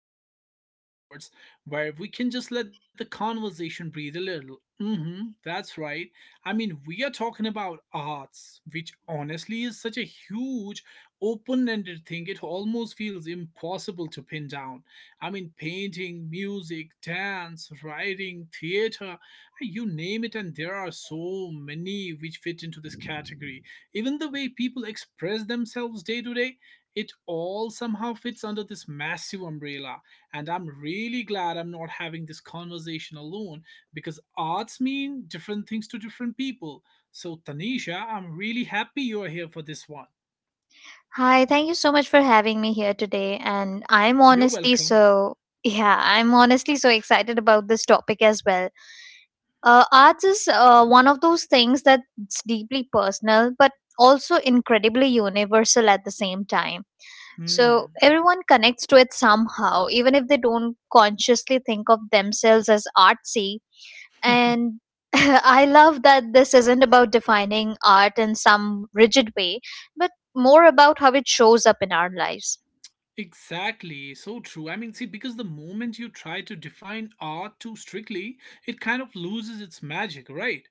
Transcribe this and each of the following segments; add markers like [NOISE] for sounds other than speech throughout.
one of those episodes where we can just let the conversation breathe a little. Mm-hmm, that's right. I mean, we are talking about arts, which honestly is such a huge, open ended thing, it almost feels impossible to pin down. I mean, painting, music, dance, writing, theater, you name it, and there are so many which fit into this category, even the way people express themselves day to day, it all somehow fits under this massive umbrella. And I'm really glad I'm not having this conversation alone because arts mean different things to different people. So, Tanisha, I'm really happy you're here for this one. Hi, thank you so much for having me here today. And I'm You're honestly welcome. so, [LAUGHS] yeah, I'm honestly so excited about this topic as well. Arts is one of those things that's deeply personal, but also incredibly universal at the same time. So Hmm. everyone connects to it somehow, even if they don't consciously think of themselves as artsy [LAUGHS] and [LAUGHS] I love that this isn't about defining art in some rigid way but more about how it shows up in our lives. Exactly, so true. I mean, see, because the moment you try to define art too strictly, it kind of loses its magic, right?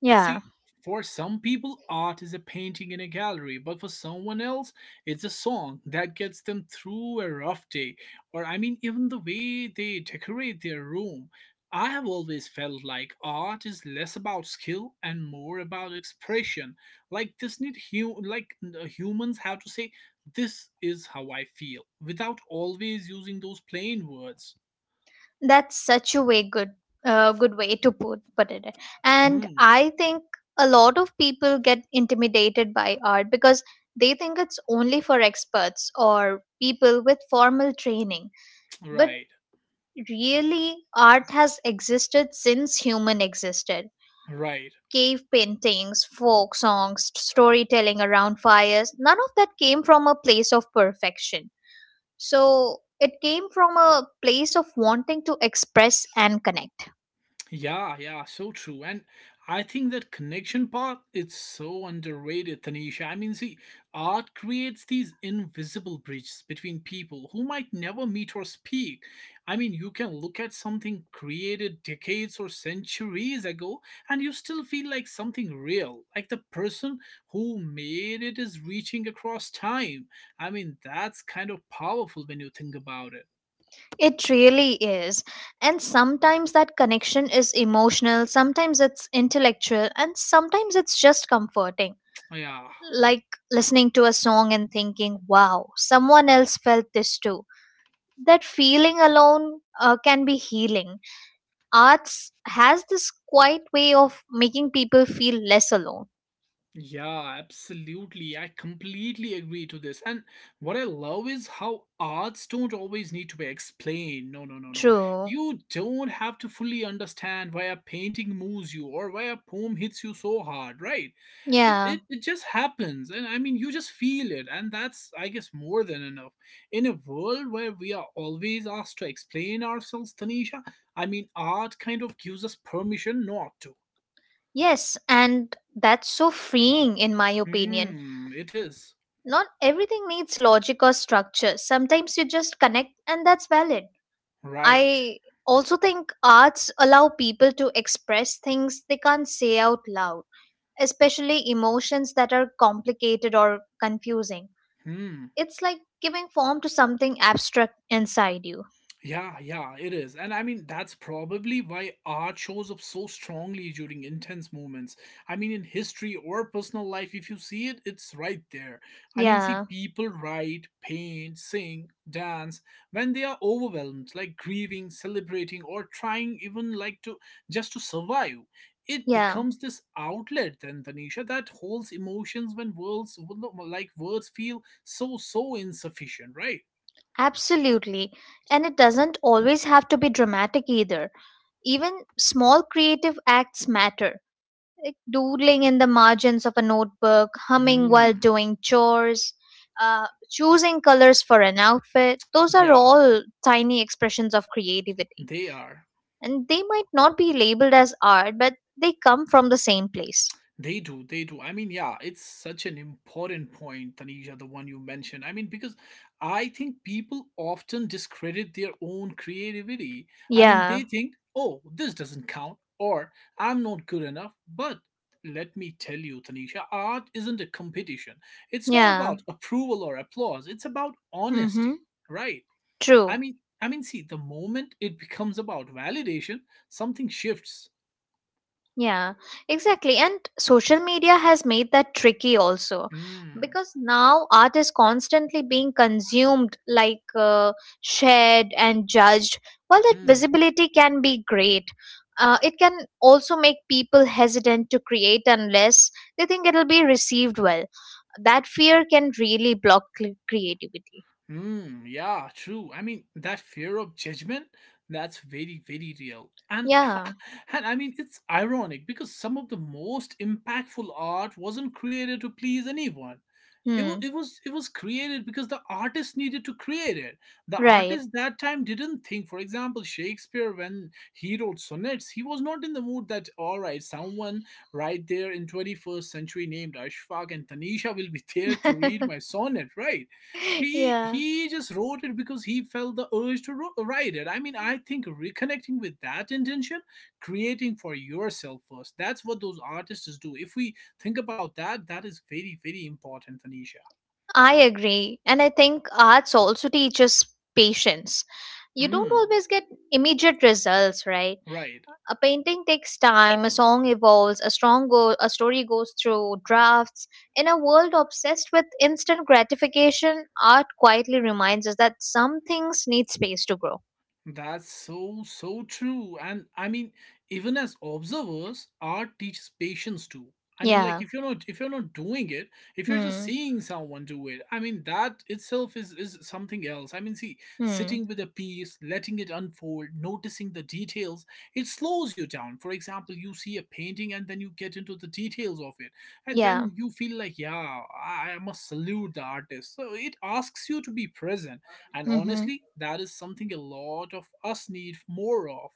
Yeah, See, for some people, art is a painting in a gallery, but for someone else, it's a song that gets them through a rough day. Or, I mean, even the way they decorate their room. I have always felt like art is less about skill and more about expression. Like this need like humans have to say this is how I feel without always using those plain words. that's such a way good good way to put it. And Hmm, I think a lot of people get intimidated by art because they think it's only for experts or people with formal training, but right. really art has existed since human existed. Right. Cave paintings, folk songs, storytelling around fires, none of that came from a place of perfection. So it came from a place of wanting to express and connect. Yeah, yeah, so true. And I think that connection part is so underrated, Tanisha. I mean, see, art creates these invisible bridges between people who might never meet or speak. I mean, you can look at something created decades or centuries ago and you still feel like something real, like the person who made it is reaching across time. I mean, that's kind of powerful when you think about it. It really is. And sometimes that connection is emotional, sometimes it's intellectual, and sometimes it's just comforting. Yeah. Like listening to a song and thinking, wow, someone else felt this too. That feeling alone can be healing. Arts has this quiet way of making people feel less alone. Yeah, absolutely. I completely agree to this. And what I love is how arts don't always need to be explained. No, no, no, no. True. You don't have to fully understand why a painting moves you or why a poem hits you so hard, right? It, Yeah. it, it just happens. And I mean, you just feel it. And that's, I guess, more than enough. In a world where we are always asked to explain ourselves, Tanisha, I mean, art kind of gives us permission not to. Yes, and that's so freeing in my opinion. Hmm, it is. Not everything needs logic or structure. Sometimes you just connect and that's valid. Right. I also think arts allow people to express things they can't say out loud, especially emotions that are complicated or confusing. Hmm. It's like giving form to something abstract inside you. Yeah, yeah, it is. And I mean, that's probably why art shows up so strongly during intense moments. I mean, in history or personal life, if you see it, it's right there. I mean, see, Yeah. people write, paint, sing, dance when they are overwhelmed, like grieving, celebrating, or trying even like to just to survive. It Yeah. becomes this outlet then, Tanisha, that holds emotions when words, like words feel so insufficient, right? Absolutely. And it doesn't always have to be dramatic either. Even small creative acts matter, like doodling in the margins of a notebook, humming while Hmm. doing chores, choosing colors for an outfit. Those are Yeah. all tiny expressions of creativity. They are. And they might not be labeled as art, but they come from the same place. They do. They do. I mean, yeah, it's such an important point, Tanisha, the one you mentioned. I mean, because I think people often discredit their own creativity. I mean, they Yeah, think, oh, this doesn't count, or I'm not good enough. But let me tell you, Tanisha, art isn't a competition. It's not yeah. about approval or applause, it's about Mm-hmm. honesty, right? I True. mean, I mean, see, the moment it becomes about validation, something shifts. Yeah, exactly. And social media has made that tricky also, Mm, because now art is constantly being consumed, like shared and judged. While that hmm. visibility can be great, it can also make people hesitant to create unless they think it'll be received well. That fear can really block creativity. Hmm, yeah, true. I mean, that fear of judgment, that's very, very real. And Yeah. [LAUGHS] and I mean, it's ironic because some of the most impactful art wasn't created to please anyone. it, wa- Hmm. it was it was created because the artist needed to create it. The Right. artist that time didn't think, for example, Shakespeare, when he wrote sonnets, he was not in the mood that, all right, someone right there in 21st century named Ashfaq and Tanisha will be [LAUGHS] there to read my [LAUGHS] sonnet, right? he Yeah. he just wrote it because he felt the urge to write it. I mean, I think reconnecting with that intention, creating for yourself first, that's what those artists do. If we think about that, that is very, very important, Tanisha. I agree. And I think arts also teaches patience. You don't Mm, always get immediate results, right? right. A painting takes time, a song evolves, a story goes through drafts. In a world obsessed with instant gratification, art quietly reminds us that some things need space to grow. That's so, so true. And I mean, even as observers, art teaches patience too. I mean, like Yeah. if you're not doing it, if you're just Hmm. seeing someone do it, I mean that itself is something else. I mean, see, Hmm. sitting with a piece, letting it unfold, noticing the details, it slows you down. For example, you see a painting and then you get into the details of it, and Yeah. then you feel like, yeah, I must salute the artist. So it asks you to be present and Mhm. honestly, that is something a lot of us need more of.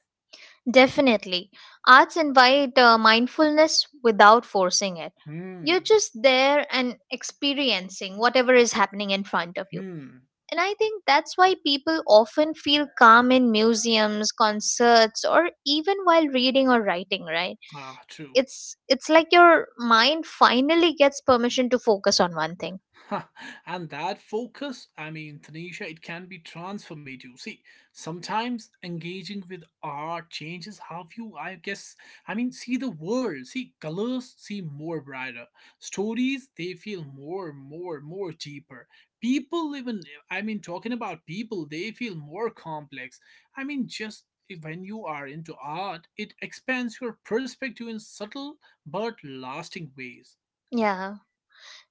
Definitely. Arts invite mindfulness without forcing it. You're Hmm. just there and experiencing whatever is happening in front of you. Hmm. And I think that's why people often feel calm in museums, concerts, or even while reading or writing, right? Ah, true. It's like your mind finally gets permission to focus on one thing. Ha, and that focus, I mean, Tanisha, it can be transformative. See, sometimes engaging with art changes how you, I guess, I mean, see the world. See, colors seem more brighter. Stories, they feel more deeper. People, even, I mean, talking about people, they feel more complex. I mean, just when you are into art, it expands your perspective in subtle but lasting ways. Yeah.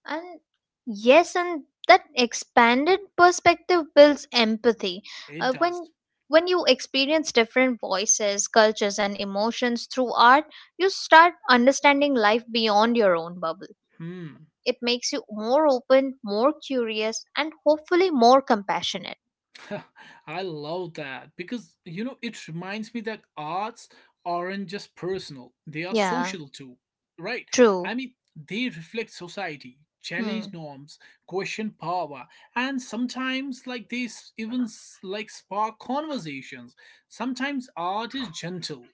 And yes, and that expanded perspective builds empathy. It Uh, when does. when you experience different voices, cultures, and emotions through art, you start understanding life beyond your own bubble. Hmm. It makes you more open, more curious, and hopefully more compassionate. [LAUGHS] I love that because you know it reminds me that arts aren't just personal, they are Yeah, social too, right? true. I mean, they reflect society, challenge Hmm. norms, question power, and sometimes like they even like spark conversations. Sometimes art is gentle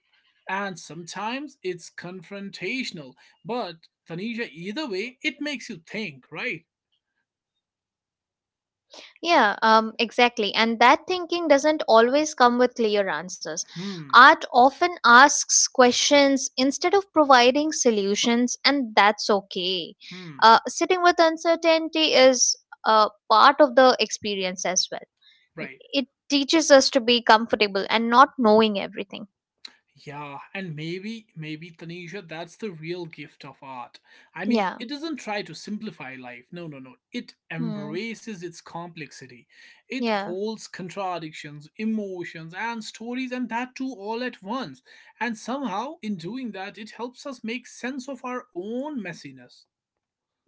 and sometimes it's confrontational, but Tanisha, either way, it makes you think, right? Yeah, exactly. And that thinking doesn't always come with clear answers. Hmm, Art often asks questions instead of providing solutions, and that's okay. hmm, Sitting with uncertainty is part of the experience as well. right. It teaches us to be comfortable and not knowing everything. Yeah, and maybe Tanisha, that's the real gift of art. I mean, Yeah. it doesn't try to simplify life. No, no, no. It Hmm. embraces its complexity. It Yeah. holds contradictions, emotions, and stories, and that too all at once. And somehow, in doing that, it helps us make sense of our own messiness.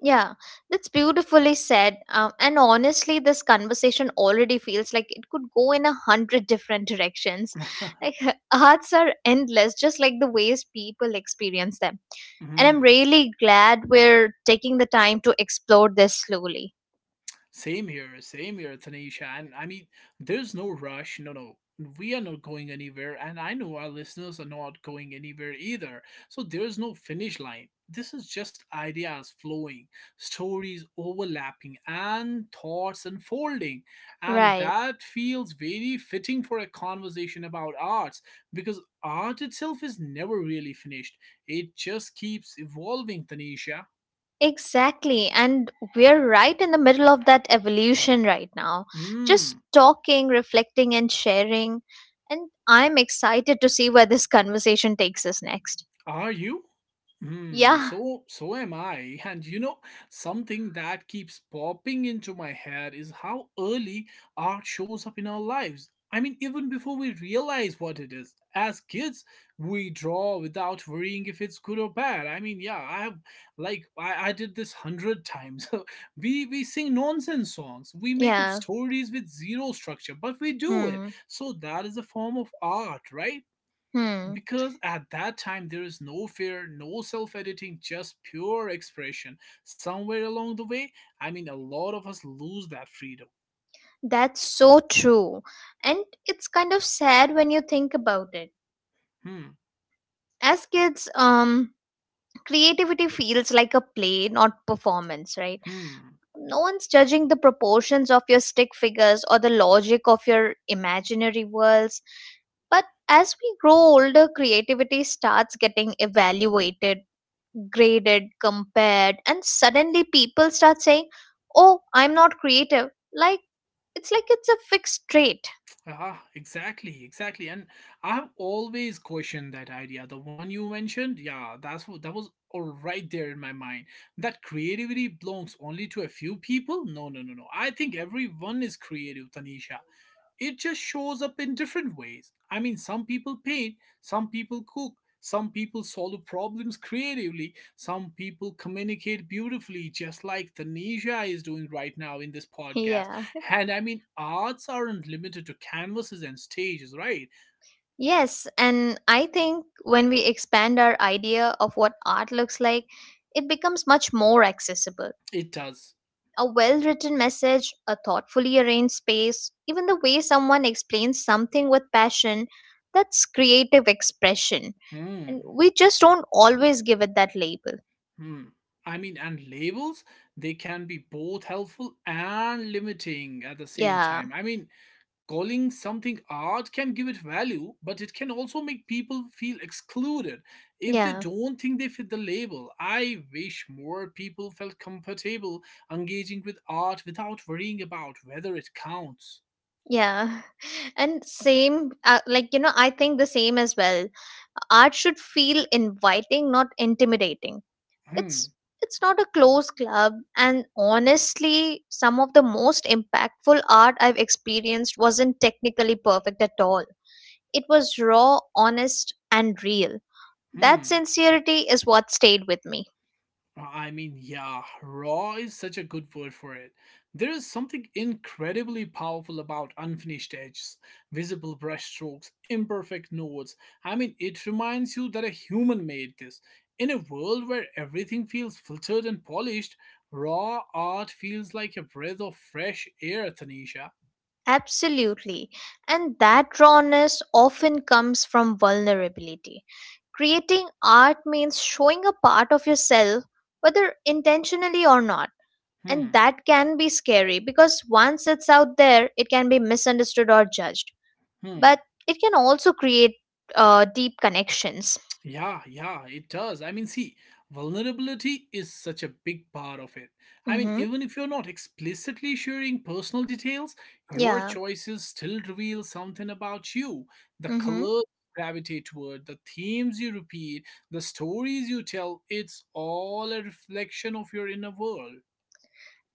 Yeah, that's beautifully said. And honestly, this conversation already feels like it could go in a hundred different directions. Like, [LAUGHS] [LAUGHS] arts are endless, just like the ways people experience them. And I'm Mhm. really glad we're taking the time to explore this slowly. Same here, Tanisha. And I mean, there's no rush. No, no. We are not going anywhere, and I know our listeners are not going anywhere either. So there's no finish line. This is just ideas flowing, stories overlapping, and thoughts unfolding. And Right. that feels very fitting for a conversation about arts because art itself is never really finished. It just keeps evolving, Tanisha. Exactly. And we're right in the middle of that evolution right now. Just Hmm. talking, reflecting, and sharing. And I'm excited to see where this conversation takes us next. Are you? Hmm, Yeah. so am I. And you know, something that keeps popping into my head is how early art shows up in our lives. I mean, even before we realize what it is. As kids, we draw without worrying if it's good or bad. I mean, yeah, I have like I did this 100 times. [LAUGHS] We sing nonsense songs, we make up Yeah. stories with zero structure, but we do it. Hmm. So that is a form of art, right? Hmm. Because at that time there is no fear, no self-editing, just pure expression. Somewhere along the way, I mean, a lot of us lose that freedom. That's so true. And it's kind of sad when you think about it. Hmm. As kids, creativity feels like a play, not performance, right? Hmm. No one's judging the proportions of your stick figures or the logic of your imaginary worlds. But as we grow older, creativity starts getting evaluated, graded, compared, and suddenly people start saying, oh, I'm not creative. Like it's a fixed trait. Ah, exactly, exactly. And I have always questioned that idea, the one you mentioned. Yeah, that's what that was, all right there in my mind. That creativity belongs only to a few people. No, no, no, no. I think everyone is creative, Tanisha. It just shows up in different ways. I mean, some people paint, some people cook, some people solve problems creatively, some people communicate beautifully, just like Tanisha is doing right now in this podcast. Yeah. And I mean, arts aren't limited to canvases and stages, right? Yes, and I think when we expand our idea of what art looks like, it becomes much more accessible. It does. A well written message, a thoughtfully arranged space, even the way someone explains something with passion, that's creative expression. Hmm. And we just don't always give it that label. Hmm. I mean, and labels, they can be both helpful and limiting at the same Yeah, time. I mean, calling something art can give it value, but it can also make people feel excluded if they yeah, don't think they fit the label. I wish more people felt comfortable engaging with art without worrying about whether it counts. yeah. [LAUGHS] And same, like, you know, I think the same as well. Art should feel inviting, not intimidating. it's Hmm, it's not a closed club, and honestly some of the most impactful art I've experienced wasn't technically perfect at all. It was raw, honest, and real. That hmm. sincerity is what stayed with me. I mean, yeah, raw is such a good word for it. There is something incredibly powerful about unfinished edges, visible brushstrokes, imperfect nodes. I mean, it reminds you that a human made this. In a world where everything feels filtered and polished, raw art feels like a breath of fresh air, Tanisha. Absolutely. And that rawness often comes from vulnerability. Creating art means showing a part of yourself, whether intentionally or not. And Hmm, that can be scary because once it's out there, it can be misunderstood or judged. hmm. But it can also create deep connections. Yeah, yeah, it does. I mean, see, vulnerability is such a big part of it. I mean, Mm-hmm. even if you're not explicitly sharing personal details, your Yeah. choices still reveal something about you. The Mm-hmm. colors you gravitate toward, the themes you repeat, the stories you tell, it's all a reflection of your inner world.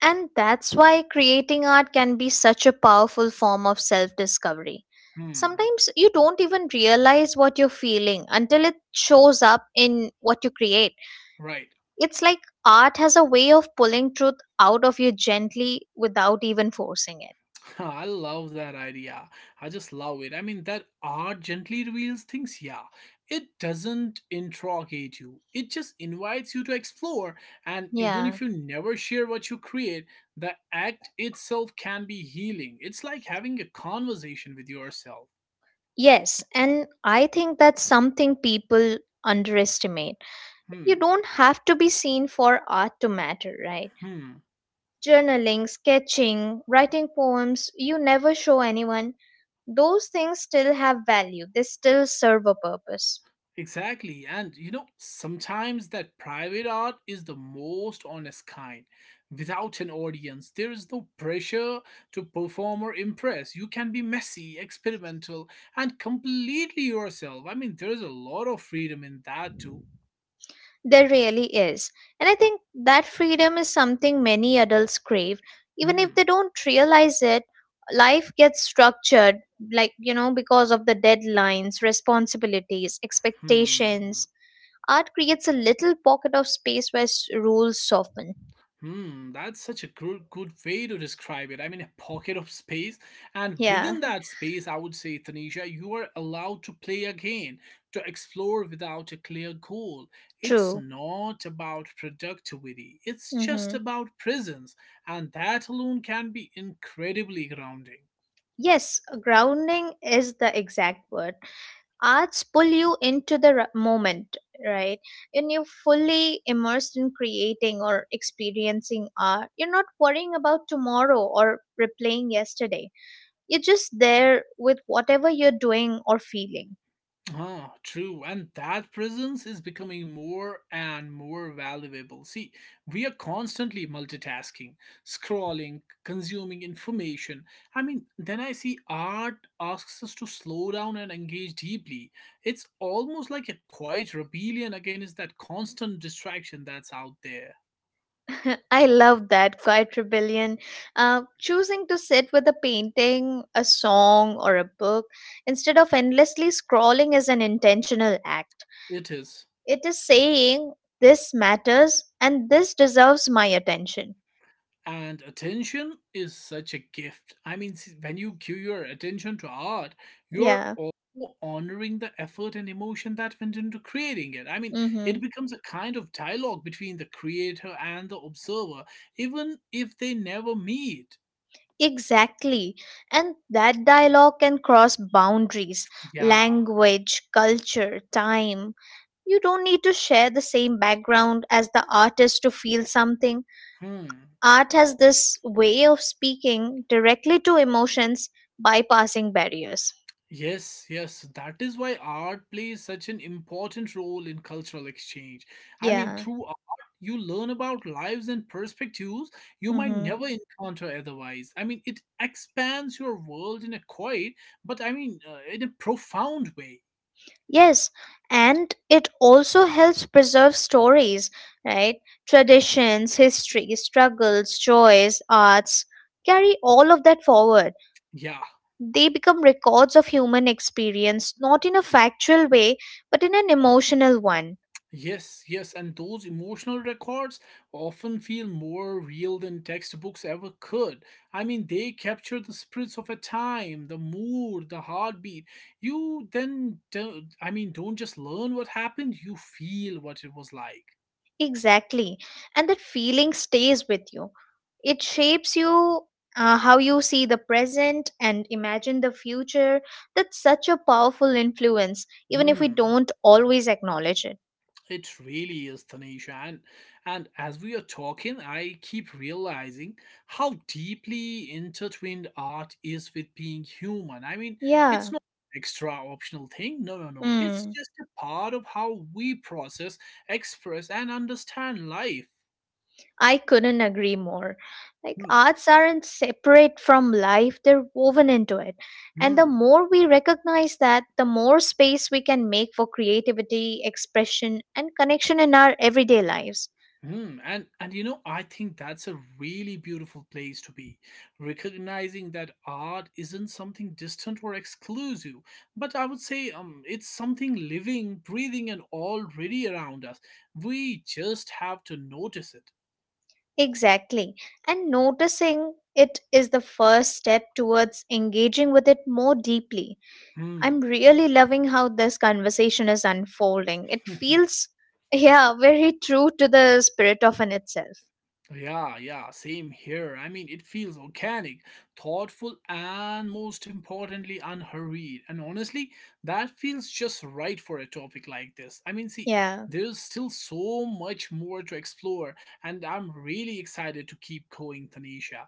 And that's why creating art can be such a powerful form of self discovery. Hmm, Sometimes you don't even realize what you're feeling until it shows up in what you create. right. It's like art has a way of pulling truth out of you gently without even forcing it. [LAUGHS] I love that idea. I just love it. I mean, that art gently reveals things, yeah. It doesn't interrogate you, it just invites you to explore. And even Yeah. if you never share what you create, the act itself can be healing. It's like having a conversation with yourself. Yes, and I think that's something people underestimate. You Hmm, don't have to be seen for art to matter, right? hmm. Journaling, sketching, writing poems, you never show anyone. Those things still have value, they still serve a purpose. Exactly. And you know, sometimes that private art is the most honest kind. Without an audience, there is no pressure to perform or impress. You can be messy, experimental, and completely yourself. I mean, there is a lot of freedom in that too. There really is. And I think that freedom is something many adults crave. Even if they Hmm. don't realize it, life gets structured, like, you know, because of the deadlines, responsibilities, Hmm. expectations. Art creates a little pocket of space where rules soften. Hmm, that's such a good, good way to describe it. I mean, a pocket of space, and Yeah, within that space, I would say, Tanisha, you are allowed to play again, to explore without a clear goal. It's true. not about productivity, it's just Hmm. about presence, and that alone can be incredibly grounding. Yes, grounding is the exact word. Arts pull you into the moment, right? When you're fully immersed in creating or experiencing art, you're not worrying about tomorrow or replaying yesterday. You're just there with whatever you're doing or feeling. Ah, true. And that presence is becoming more and more valuable. See, we are constantly multitasking, scrolling, consuming information. I mean, then I see art asks us to slow down and engage deeply. It's almost like a quiet rebellion against that constant distraction that's out there. [LAUGHS] I love that quiet rebellion. Choosing to sit with a painting, a song, or a book instead of endlessly scrolling is an intentional act. It is. It is saying, this matters and this deserves my attention. And attention is such a gift. I mean, when you give your attention to art, you're Yeah. also honoring the effort and emotion that went into creating it. I mean, it Mm-hmm. becomes a kind of dialogue between the creator and the observer, even if they never meet. Exactly. And that dialogue can cross boundaries: Yeah. language, culture, time. You don't need to share the same background as the artist to feel something. Hmm. Art has this way of speaking directly to emotions, bypassing barriers. Yes, yes, that is why art plays such an important role in cultural exchange. I mean, Yeah. through art, you learn about lives and perspectives you might Mm-hmm. never encounter otherwise. I mean, it expands your world in a quiet, but I mean, in a profound way. Yes. And it also helps preserve stories, right? Traditions, history, struggles, joys, arts carry all of that forward. Yeah. They become records of human experience, not in a factual way, but in an emotional one. Yes, yes, and those emotional records often feel more real than textbooks ever could. I mean, they capture the spirits of a time, the mood, the heartbeat. You then, I mean, don't just learn what happened, you feel what it was like. Exactly. And that feeling stays with you. It shapes you how you see the present and imagine the future. That's such a powerful influence, even if we Hmm. don't always acknowledge it. It really is, Tanisha. And as we are talking, I keep realizing how deeply intertwined art is with being human. I mean, it's Yeah. not an extra optional thing. No, no, no. It's Mm. just a part of how we process, express, and understand life. I couldn't agree more. Like, Hmm. arts aren't separate from life, they're woven into it. And the Hmm. more we recognize that, the more space we can make for creativity, expression, and connection in our everyday lives. Hmm, and you know, I think that's a really beautiful place to be, recognizing that art isn't something distant or exclusive, but I would say it's something living, breathing, and already around us. We just have to notice it. Exactly. And noticing it is the first step towards engaging with it more deeply. Hmm. I'm really loving how this conversation is unfolding. It [LAUGHS] feels, [LAUGHS] yeah, very true to the spirit of in itself. Yeah, yeah, same here. I mean, it feels organic, thoughtful, and most importantly, unhurried. And honestly, that feels just right for a topic like this. I mean, see, Yeah. there's still so much more to explore, and I'm really excited to keep going, Tanisha.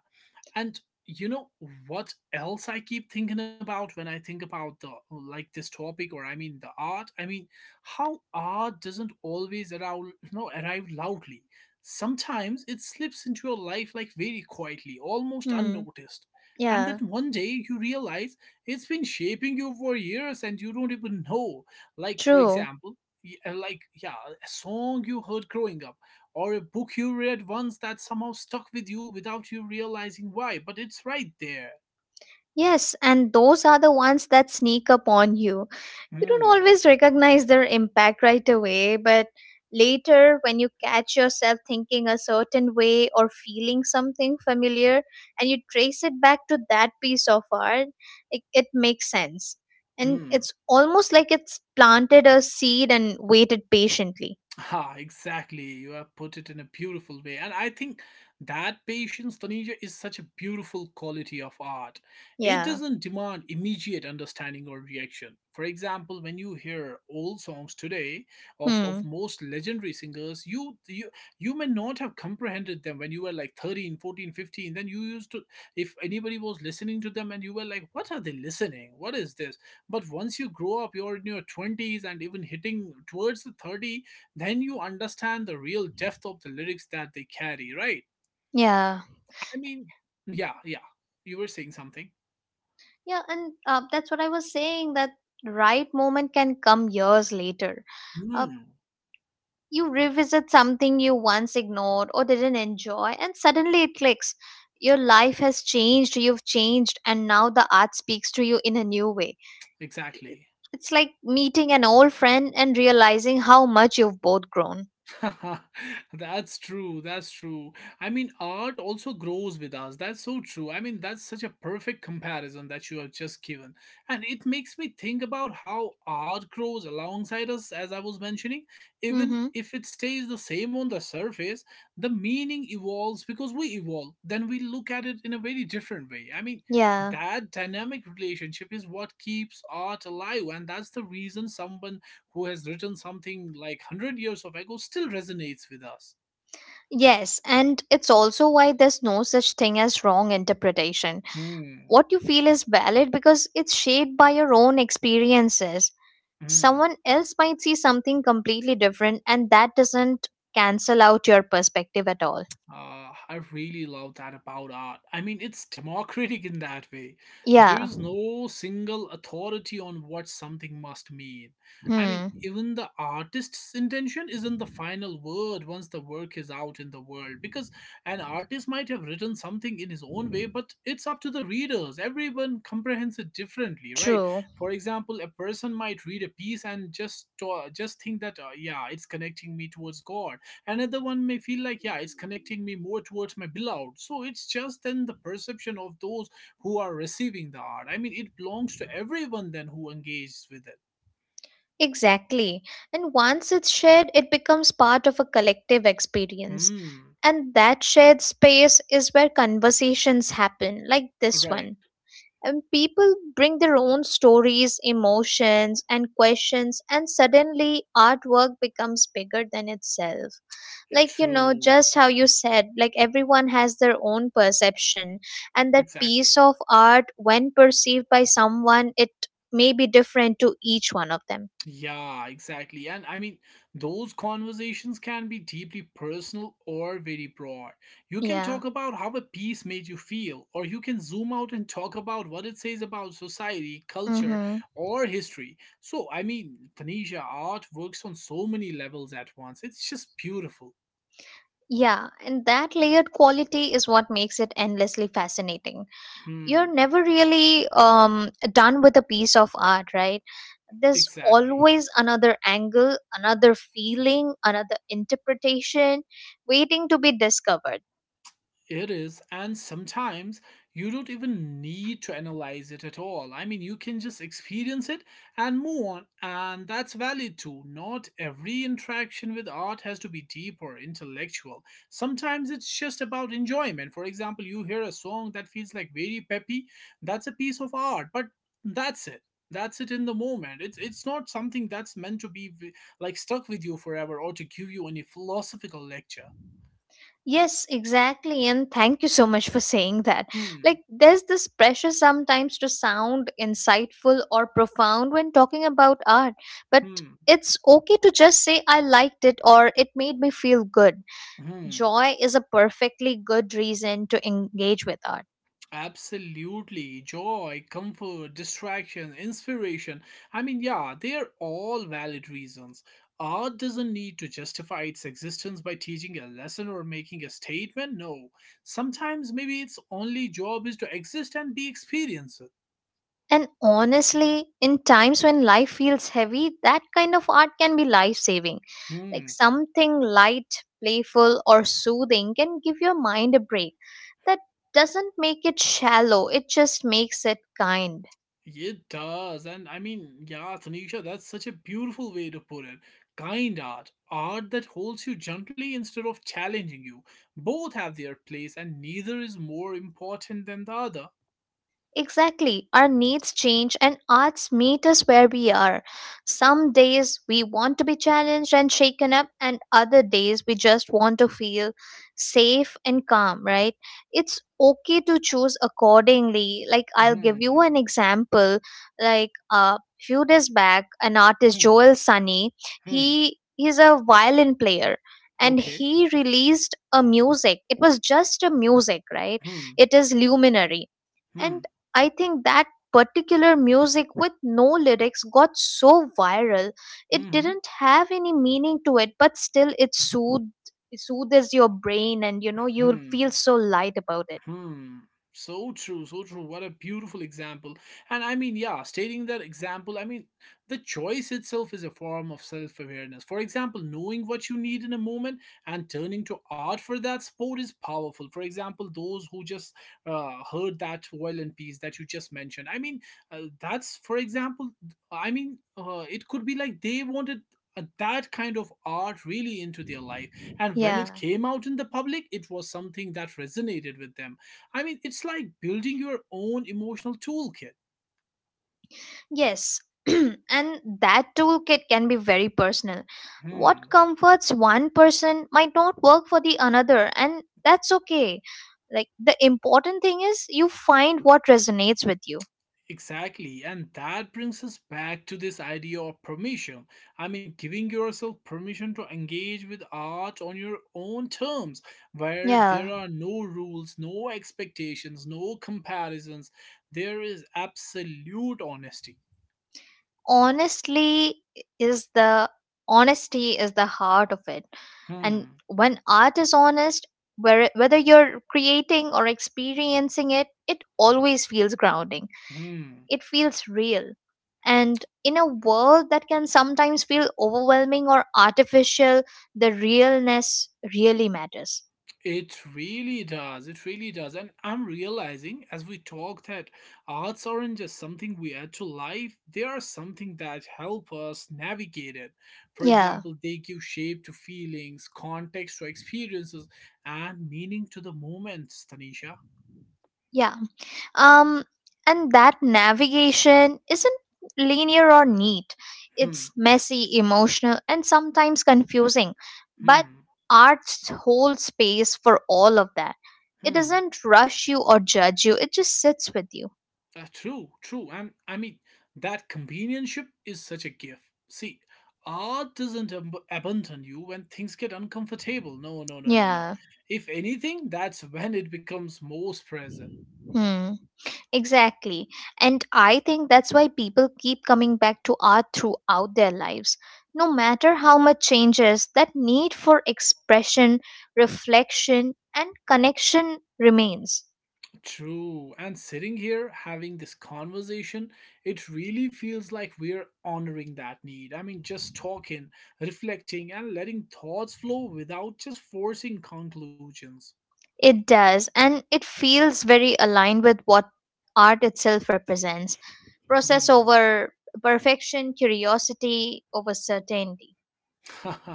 And you know what else I keep thinking about when I think about the like this topic or I mean the art? I mean, how art doesn't always arrive loudly. Sometimes it slips into your life like very quietly, almost Hmm. unnoticed. And then Yeah. one day you realize it's been shaping you for years and you don't even know. Like, for True. example, like, yeah, a song you heard growing up or a book you read once that somehow stuck with you without you realizing why, but it's right there. Yes, and those are the ones that sneak up on you. You don't Hmm. always recognize their impact right away, but later, when you catch yourself thinking a certain way or feeling something familiar and you trace it back to that piece of art, it makes sense. And Hmm. it's almost like it's planted a seed and waited patiently. Ha, exactly. You have put it in a beautiful way. And I think that patience, Tanisha, is such a beautiful quality of art. It Yeah. doesn't demand immediate understanding or reaction. For example, when you hear old songs today of Hmm. most legendary singers, you may not have comprehended them when you were like 13, 14, 15. Then you used to, if anybody was listening to them and you were like, what are they listening? What is this? But once you grow up, you're in your 20s and even hitting towards the 30, then you understand the real depth of the lyrics that they carry, right? Yeah. I mean, yeah, yeah. You were saying something. Yeah, and that's what I was saying that right moment can come years later. Uh. Hmm, You revisit something you once ignored or didn't enjoy and suddenly it clicks. Your life has changed, you've changed, and now the art speaks to you in a new way. exactly. It's like meeting an old friend and realizing how much you've both grown. [LAUGHS] That's true. That's true. I mean, art also grows with us. That's so true. I mean, that's such a perfect comparison that you have just given. And it makes me think about how art grows alongside us, as I was mentioning. Even Mm-hmm. if it stays the same on the surface, the meaning evolves because we evolve. Then we look at it in a very different way. I mean, yeah that dynamic relationship is what keeps art alive, and that's the reason someone who has written something like 100 years of ago still resonates with us. yes and it's also why there's no such thing as wrong interpretation. Hmm. What you feel is valid because it's shaped by your own experiences. Hmm. Someone else might see something completely different, and that doesn't cancel out your perspective at all. I really love that about art. I mean, it's democratic in that way. There Yeah. is no single authority on what something must mean. I mean, Hmm. even the artist's intention isn't the final word once the work is out in the world, because an artist might have written something in his own way, but it's up to the readers. Everyone comprehends it differently, right? True. For example, a person might read a piece and just think that, yeah, it's connecting me towards God. Another one may feel like, yeah, it's connecting me more towards my beloved. So it's just then the perception of those who are receiving the art. I mean, it belongs to everyone then who engages with it. Exactly. And once it's shared, it becomes part of a collective experience. Hmm. And that shared space is where conversations happen, like this Right. one. And people bring their own stories, emotions, and questions, and suddenly artwork becomes bigger than itself. Like, you know, True. just how you said, like, everyone has their own perception, and that Exactly. piece of art, when perceived by someone, it may be different to each one of them. Yeah, exactly. And I mean, those conversations can be deeply personal or very broad. You can Yeah. talk about how a piece made you feel, or you can zoom out and talk about what it says about society, culture, Mhm. or history. So, I mean, Tanisha, art works on so many levels at once. It's just beautiful. Yeah and that layered quality is what makes it endlessly fascinating. Hmm, You're never really done with a piece of art, right? There's exactly. always another angle, another feeling, another interpretation waiting to be discovered. It is, and sometimes you don't even need to analyze it at all. I mean, you can just experience it and move on, and that's valid too. Not every interaction with art has to be deep or intellectual. Sometimes it's just about enjoyment. For example, you hear a song that feels like very peppy, that's a piece of art, but that's it. That's it in the moment. It's not something that's meant to be like stuck with you forever or to give you any philosophical lecture. Yes, exactly. And thank you so much for saying that. Like, Hmm. there's this pressure sometimes to sound insightful or profound when talking about art, but Hmm. it's okay to just say, I liked it, or it made me feel good. Hmm. Joy is a perfectly good reason to engage with art. Absolutely. Joy, comfort, distraction, inspiration. I mean, yeah, they are all valid reasons. Art doesn't need to justify its existence by teaching a lesson or making a statement. No. Sometimes maybe its only job is to exist and be experienced. And honestly, in times when life feels heavy, that kind of art can be life saving. Like Hmm. something light, playful, or soothing can give your mind a break. That doesn't make it shallow, it just makes it kind. It does. And I mean, yeah, Tanisha, that's such a beautiful way to put it. Kind art, art that holds you gently instead of challenging you. Both have their place, and neither is more important than the other. Exactly. Our needs change, and arts meet us where we are. Some days we want to be challenged and shaken up, and other days we just want to feel safe and calm, right? It's okay to choose accordingly. Like, I'll give you Hmm. an example. Like, a few days back, an Hmm. artist, Hmm. Joel Sunny, Hmm, he's a violin player, and okay. he released a music. It was just a music, right? Hmm. It is luminary. And Hmm. I think that particular music with no lyrics got so viral. It Mm-hmm. didn't have any meaning to it, but still it soothed soothes your brain, and you know, you'll Hmm. feel so light about it. Hmm. So true, so true. What a beautiful example. And I mean, yeah, stating that example, I mean, the choice itself is a form of self awareness. For example, knowing what you need in a moment and turning to art for that sport is powerful. For example, those who just heard that violin piece that you just mentioned. I mean, that's, for example, I mean, it could be like they wanted that kind of art really into their life and when it Yeah. came out in the public it was something that resonated with them. I mean, it's like building your own emotional toolkit. Yes. [CLEARS THROAT] And that toolkit can be very personal. What Hmm. comforts one person might not work for the another, and that's okay. Like, the important thing is you find what resonates with you. Exactly. And that brings us back to this idea of permission. I mean, giving yourself permission to engage with art on your own terms, where there Yeah. are no rules, no expectations, no comparisons. There is absolute honesty. honestly is the Honesty is the heart of it. And Hmm. when art is honest, whether you're creating or experiencing it, it always feels grounding. Hmm. It feels real. And in a world that can sometimes feel overwhelming or artificial, the realness really matters. It really does. It really does. And I'm realizing as we talk that arts aren't just something we add to life, they are something that help us navigate it. For Yeah. example, they give shape to feelings, context to experiences, and meaning to the moments, Tanisha. yeah Um, and that navigation isn't linear or neat. It's Hmm, messy, emotional, and sometimes confusing. But hmm, art holds space for all of that. It hmm. doesn't rush you or judge you, it just sits with you. True, true. And I mean, that companionship is such a gift. See, art doesn't abandon you when things get uncomfortable. No, no, no, no, no. Yeah. If anything, that's when it becomes most present. Hmm. Exactly. And I think that's why people keep coming back to art throughout their lives. No matter how much changes, that need for expression, reflection, and connection remains. True. And sitting here having this conversation, it really feels like we're honoring that need. I mean, just talking, reflecting, and letting thoughts flow without just forcing conclusions. It does, and it feels very aligned with what art itself represents. [LAUGHS] Process Hmm. over perfection, curiosity over certainty. [LAUGHS]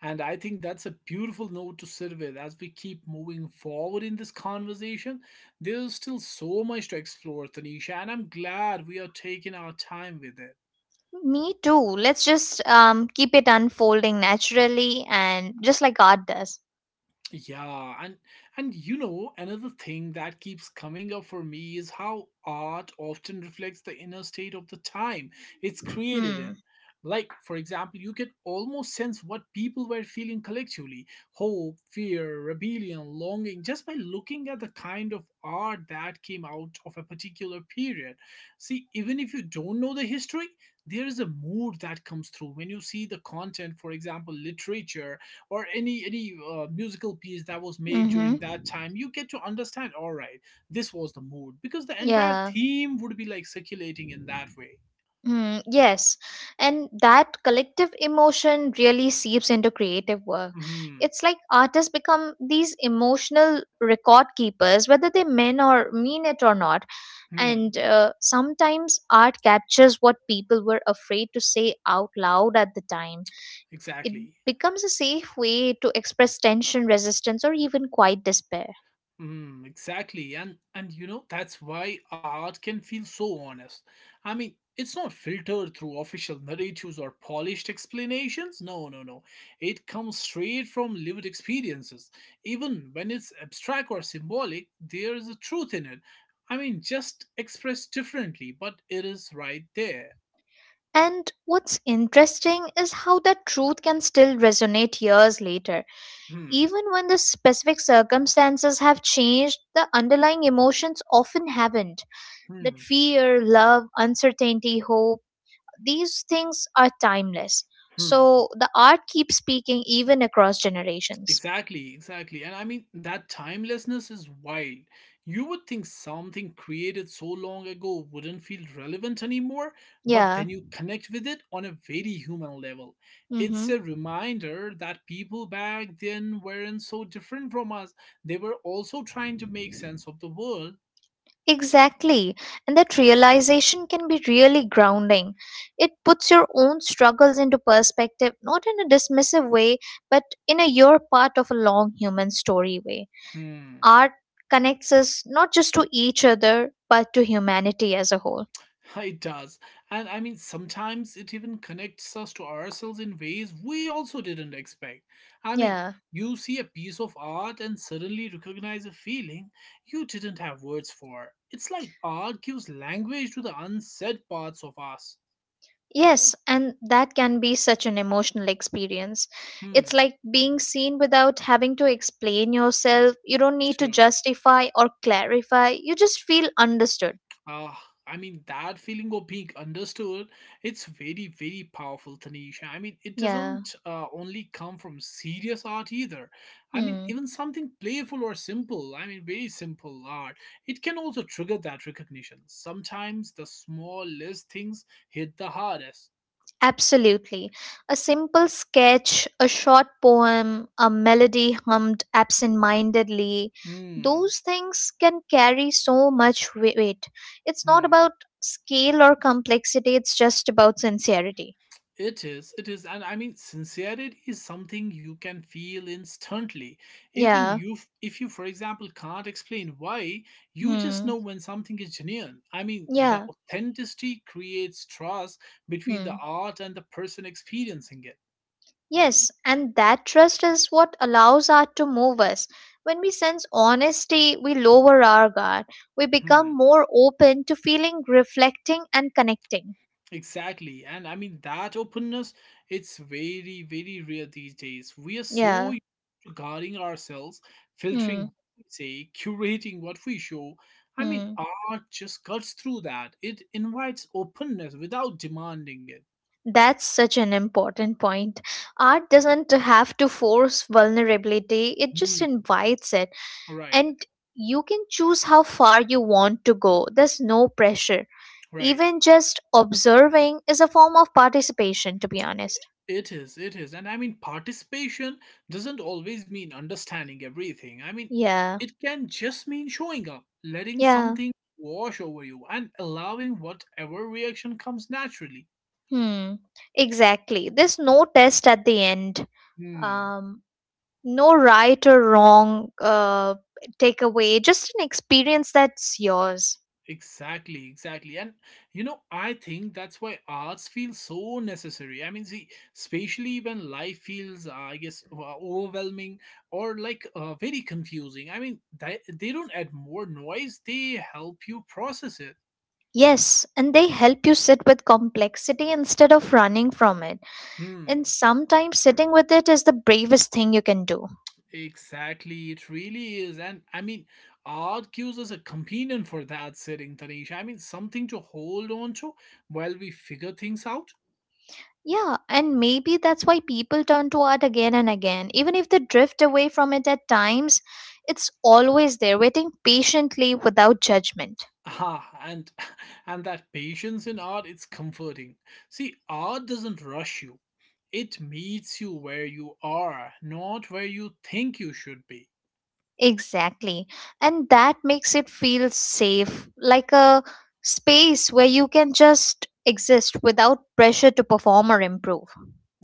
And I think that's a beautiful note to sit with as we keep moving forward in this conversation. There's still so much to explore, Tanisha, and I'm glad we are taking our time with it. Me too. Let's just keep it unfolding naturally and just like art does. Yeah, and you know, another thing that keeps coming up for me is how art often reflects the inner state of the time it's created Hmm. in. Like, for example, you can almost sense what people were feeling collectively: hope, fear, rebellion, longing, just by looking at the kind of art that came out of a particular period. See, even if you don't know the history, there is a mood that comes through when you see the content, for example, literature or any musical piece that was made during that Mm-hmm. time. You get to understand, all right, this was the mood, because the entire Yeah. theme would be like circulating in that way. Mm, yes. And that collective emotion really seeps into creative work. Hmm. It's like artists become these emotional record keepers, whether they mean or mean it or not. And Hmm. Sometimes art captures what people were afraid to say out loud at the time. It Exactly. becomes a safe way to express tension, resistance, or even quiet despair. Mm, exactly, and you know, that's why art can feel so honest. I mean, it's not filtered through official narratives or polished explanations. No, no, no. It comes straight from lived experiences. Even when it's abstract or symbolic, there is a truth in it. I mean, just expressed differently, but it is right there. And what's interesting is how that truth can still resonate years later. Hmm. Even when the specific circumstances have changed, the underlying emotions often haven't. That Hmm. fear, love, uncertainty, hope, these things are timeless. Hmm. So the art keeps speaking even across generations. Exactly, exactly. And I mean, that timelessness is wild. You would think something created so long ago wouldn't feel relevant anymore, but Yeah. then you connect with it on a very human level. It's Mm-hmm. a reminder that people back then weren't so different from us, they were also trying to make sense of the world. Exactly. And that realization can be really grounding. It puts your own struggles into perspective, not in a dismissive way, but in a "you're part of a long human story" way. Hmm. Art connects us not just to each other, but to humanity as a whole. [LAUGHS] It does. And I mean, sometimes it even connects us to ourselves in ways we also didn't expect. I mean, Yeah. you see a piece of art and suddenly recognize a feeling you didn't have words for. It's like art gives language to the unsaid parts of us. Yes, and that can be such an emotional experience. It's Hmm, like being seen without having to explain yourself. You don't need to true. justify or clarify. You just feel understood. Uh, I mean, that feeling of being understood, it's very, very powerful, Tanisha. I mean, it Yeah. doesn't only come from serious art either. I mean, Hmm. even something playful or simple, I mean, very simple art, it can also trigger that recognition. Sometimes the smallest things hit the hardest. Absolutely. A simple sketch, a short poem, a melody hummed absent mindedly, Hmm. those things can carry so much weight. It's not Hmm. about scale or complexity, it's just about sincerity. It is, and I mean, sincerity is something you can feel instantly. Even Yeah. you, if you, for example, can't explain why, you just Hmm. know when something is genuine. I mean, the Yeah. authenticity creates trust between Hmm. the art and the person experiencing it. Yes, and that trust is what allows art to move us. When we sense honesty, we lower our guard. We Hmm, become more open to feeling, reflecting, and connecting. exactly, and I mean that openness. It's very, very rare these days. We are so Yeah. guarding ourselves, filtering Hmm. what we say, curating what we show. I mean, Mm. art just cuts through that. It invites openness without demanding it. That's such an important point. Art doesn't have to force vulnerability, it just Mm. invites it. Right, And you can choose how far you want to go. There's no pressure. right. Even just observing is a form of participation, to be honest. It is, it is. And I mean, participation doesn't always mean understanding everything. I mean, Yeah, it can just mean showing up, letting yeah. something wash over you, and allowing whatever reaction comes naturally. Hmm. Exactly. There's no test at the end. Hmm. Um, no right or wrong takeaway, just an experience that's yours. Exactly, exactly. And you know, I think that's why arts feel so necessary. I mean, see, especially when life feels, I guess, overwhelming or like very confusing. I mean, they don't add more noise, they help you process it. Yes, and they help you sit with complexity instead of running from it. Hmm, And sometimes sitting with it is the bravest thing you can do. exactly. It really is. And I mean, art gives us a companion for that sitting, Tanisha. I mean, something to hold on to while we figure things out. Yeah, and maybe that's why people turn to art again and again. Even if they drift away from it at times, it's always there, waiting patiently without judgment. Ah, and [LAUGHS] and that patience in art it's comforting. See, art doesn't rush you. It meets you where you are, not where you think you should be. Exactly. And that makes it feel safe, like a space where you can just exist without pressure to perform or improve.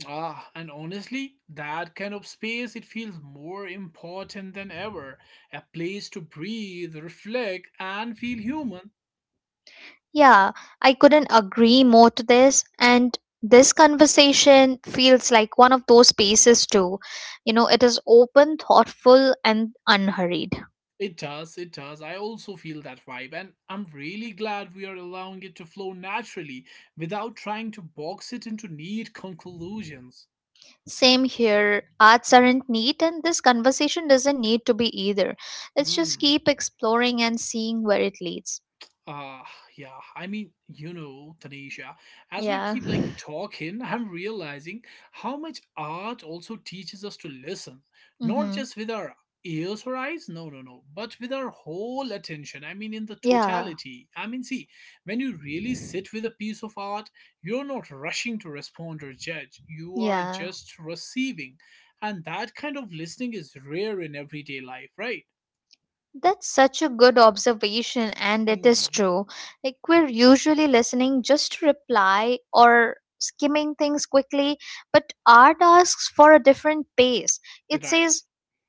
Ah, and honestly, that kind of space it feels more important than ever. A place to breathe, reflect, and feel human. Yeah, I couldn't agree more to this. And this conversation feels like one of those spaces, too. You know, it is open, thoughtful, and unhurried. It does, it does. I also feel that vibe, and I'm really glad we are allowing it to flow naturally without trying to box it into neat conclusions. Same here. Arts aren't neat, and this conversation doesn't need to be either. Let's just Hmm. keep exploring and seeing where it leads. Uh, yeah. I mean, you know, Tanisha, as we Yeah. keep like [LAUGHS] talking, I'm realizing how much art also teaches us to listen, not Mm-hmm. just with our ears or eyes, no, no, no, but with our whole attention. I mean, in the Yeah. totality. I mean, see, when you really sit with a piece of art, you're not rushing to respond or judge, you are Yeah. just receiving. And that kind of listening is rare in everyday life, right? That's such a good observation, and it Hmm. is true. Like, we're usually listening just to reply or skimming things quickly, but art asks for a different pace. It Right. says,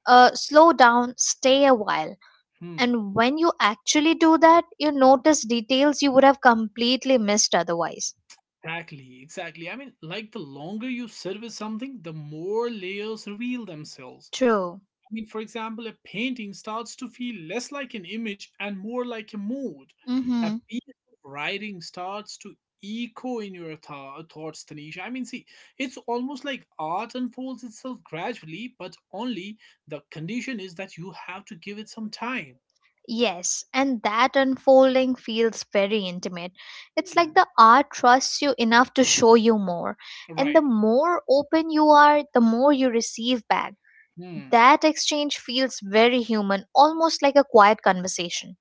slow down, stay a while. Hmm. And when you actually do that, you notice details you would have completely missed otherwise. Exactly, exactly. I mean, like the longer you sit with something, the more layers reveal themselves. True. I mean, for example, a painting starts to feel less like an image and more like a mood. Mm hmm. A piece of writing starts to echo in your thoughts, Tanisha. I mean, see, it's almost like art unfolds itself gradually, but only the condition is that you have to give it some time. Yes, and that unfolding feels very intimate. It's like Hmm, the art trusts you enough to show you more. And the right. more open you are, the more you receive back. Hmm. That exchange feels very human, almost like a quiet conversation.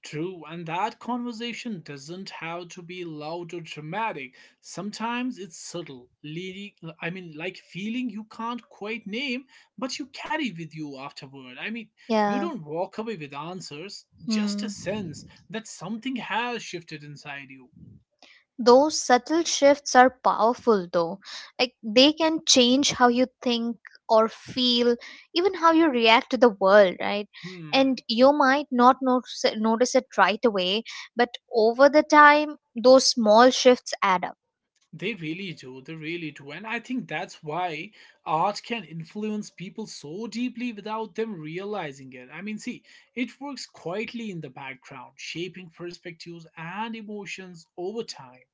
True, and that conversation doesn't have to be loud or dramatic. Sometimes it's subtle, leading, I mean, like feeling you can't quite name, but you carry with you afterward. I mean, you Yeah. don't walk away with answers, just a Hmm. sense that something has shifted inside you. Those subtle shifts are powerful though. Like, they can change how you think or feel, even how you react to the world, right? Hmm. And you might not notice it right away, but over the time, those small shifts add up. They really do, they really do. And I think that's why art can influence people so deeply without them realizing it. I mean, see, it works quietly in the background, shaping perspectives and emotions over time.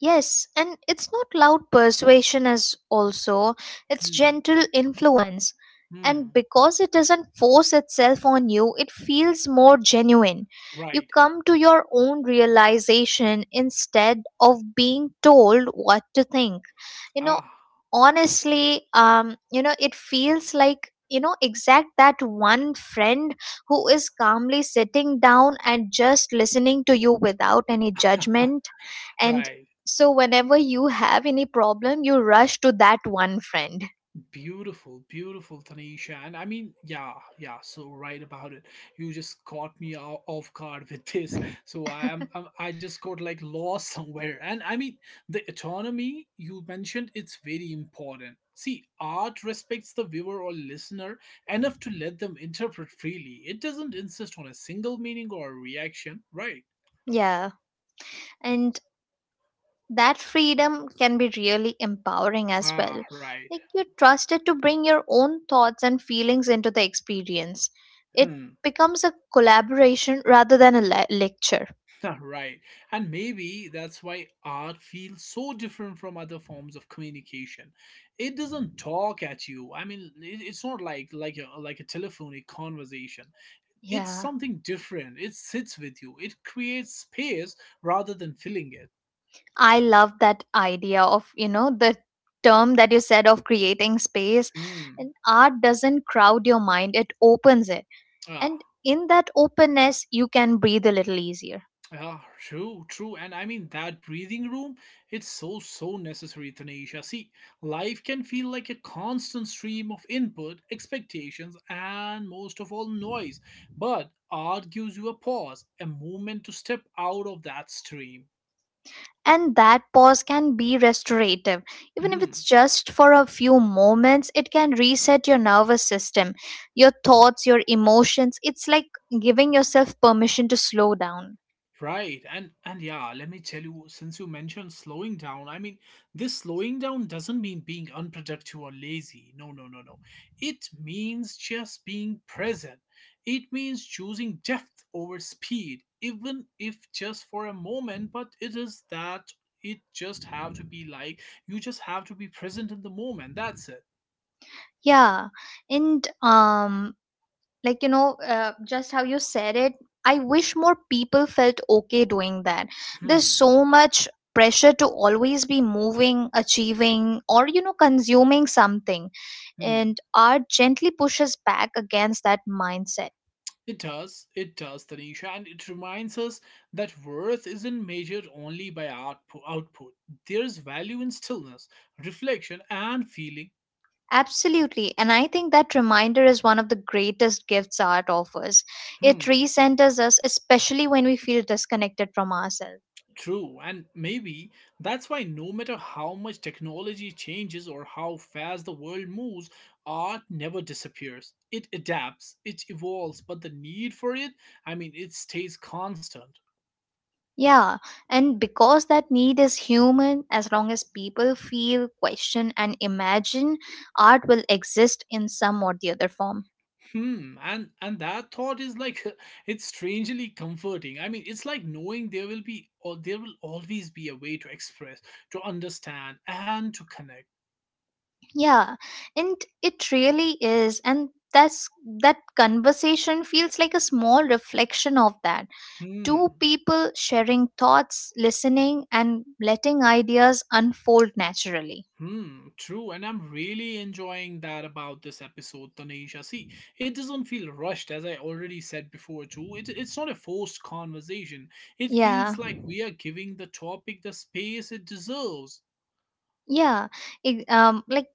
Yes, and it's not loud persuasion as also, it's Hmm. gentle influence. And Hmm. because it doesn't force itself on you, it feels more genuine. You Right. come to your own realization instead of being told what to think, you know. Ah. Honestly, you know, it feels like, you know, exact that one friend who is calmly sitting down and just listening to you without any judgment. [LAUGHS] And Right. so whenever you have any problem, you rush to that one friend. Beautiful, beautiful, Tanisha. And I mean, yeah, yeah, so right about it. You just caught me off guard [LAUGHS] with this. So I just [LAUGHS] got like lost [LAUGHS] somewhere. And I mean, the autonomy you mentioned, it's very important. See, art respects the viewer or listener enough to let them interpret freely. It doesn't insist on a single meaning or reaction, right? Yeah. And that freedom can be really empowering as well. Ah, right. Like, you're trusted to bring your own thoughts and feelings into the experience. It Hmm. becomes a collaboration rather than a lecture. [LAUGHS] Right. And maybe that's why art feels so different from other forms of communication. It doesn't talk at you. I mean, it's not like a telephonic conversation. It's Yeah. something different. It sits with you. It creates space rather than filling it. I love that idea of, you know, the term that you said of creating space. Hmm. And art doesn't crowd your mind, it opens it. Ah, And in that openness, you can breathe a little easier. yeah, true, true. And I mean, that breathing room, it's so, so necessary, Tanisha. See, life can feel like a constant stream of input, expectations, and most of all, noise. But art gives you a pause, a moment to step out of that stream. And that pause can be restorative. Even if it's Hmm. just for a few moments, it can reset your nervous system, your thoughts, your emotions. It's like giving yourself permission to slow down. Right, and yeah, let me tell you, since you mentioned slowing down, I mean, this slowing down doesn't mean being unproductive or lazy. No, no, no, no. It means just being present. It means choosing depth over speed, even if just for a moment, but it is that it just have to be like you just have to be present in the moment. That's it. Yeah. And like, you know, just how you said it, I wish more people felt okay doing that. There's Hmm. so much pressure to always be moving, achieving, or you know, consuming something. Hmm. And art gently pushes back against that mindset. It does, Tanisha, and it reminds us that worth isn't measured only by output. There's value in stillness, reflection, and feeling. Absolutely, and I think that reminder is one of the greatest gifts art offers. It Hmm, recenters us, especially when we feel disconnected from ourselves. true, and maybe that's why no matter how much technology changes or how fast the world moves, art never disappears. It adapts, it evolves, but the need for it, I mean, it stays constant. Yeah, and because that need is human, as long as people feel, question, and imagine, art will exist in some or the other form. Hmm, and that thought is like [LAUGHS] it's strangely comforting. I mean, it's like knowing there will be or there will always be a way to express, to understand, and to connect. Yeah, and it really is, and that conversation feels like a small reflection of that. Hmm. Two people sharing thoughts, listening, and letting ideas unfold naturally. Hmm, true, and I'm really enjoying that about this episode, Tanisha. See, it doesn't feel rushed, as I already said before, too. It's not a forced conversation. It Yeah, feels like we are giving the topic the space it deserves. yeah, like,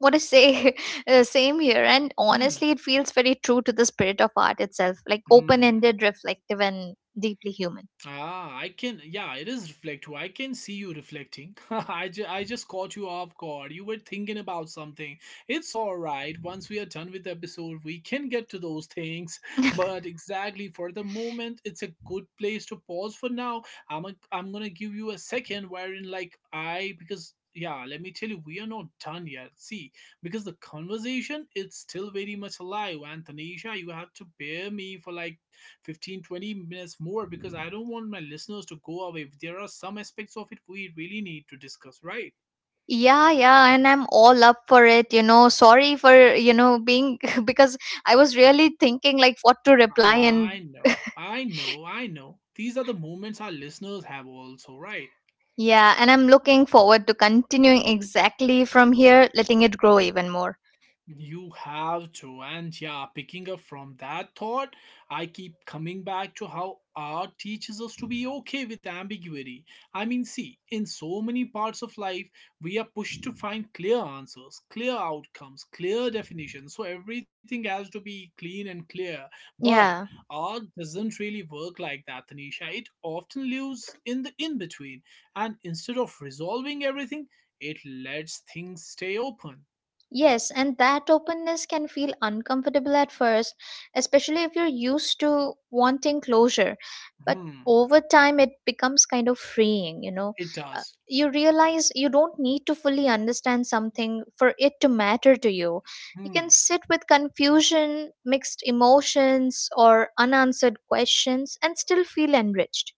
what to say, [LAUGHS] same here. And Hmm, honestly, it feels very true to the spirit of art itself, like hmm. open-ended, reflective, and deeply human. Ah, I can. Yeah, it is reflective. I can see you reflecting. [LAUGHS] I just caught you off guard. You were thinking about something. It's all right. Once we are done with the episode, we can get to those things. [LAUGHS] But exactly for the moment, it's a good place to pause for now. I'm gonna give you a second wherein like I because yeah, let me tell you, we are not done yet. See, because the conversation it's still very much alive. And Tanisha, you have to bear me for like fifteen 20 minutes more because I don't want my listeners to go away. There are some aspects of it we really need to discuss, right? Yeah. Yeah, and I'm all up for it, you know. Sorry for, you know, being [LAUGHS] because I was really thinking like what to reply. And I know, I know, I know. These are the moments our listeners have, also, right? yeah, and I'm looking forward to continuing exactly from here, letting it grow even more. You have to, and yeah, picking up from that thought, I keep coming back to how art teaches us to be okay with ambiguity. I mean, see, in so many parts of life, we are pushed to find clear answers, clear outcomes, clear definitions, so everything has to be clean and clear. But Yeah. art doesn't really work like that, Tanisha. It often lives in the in between, and instead of resolving everything, it lets things stay open. Yes, and that openness can feel uncomfortable at first, especially if you're used to wanting closure. But Hmm. over time, it becomes kind of freeing, you know. It Uh, does. you realize you don't need to fully understand something for it to matter to you. You can Hmm. sit with confusion, mixed emotions, or unanswered questions and still feel enriched.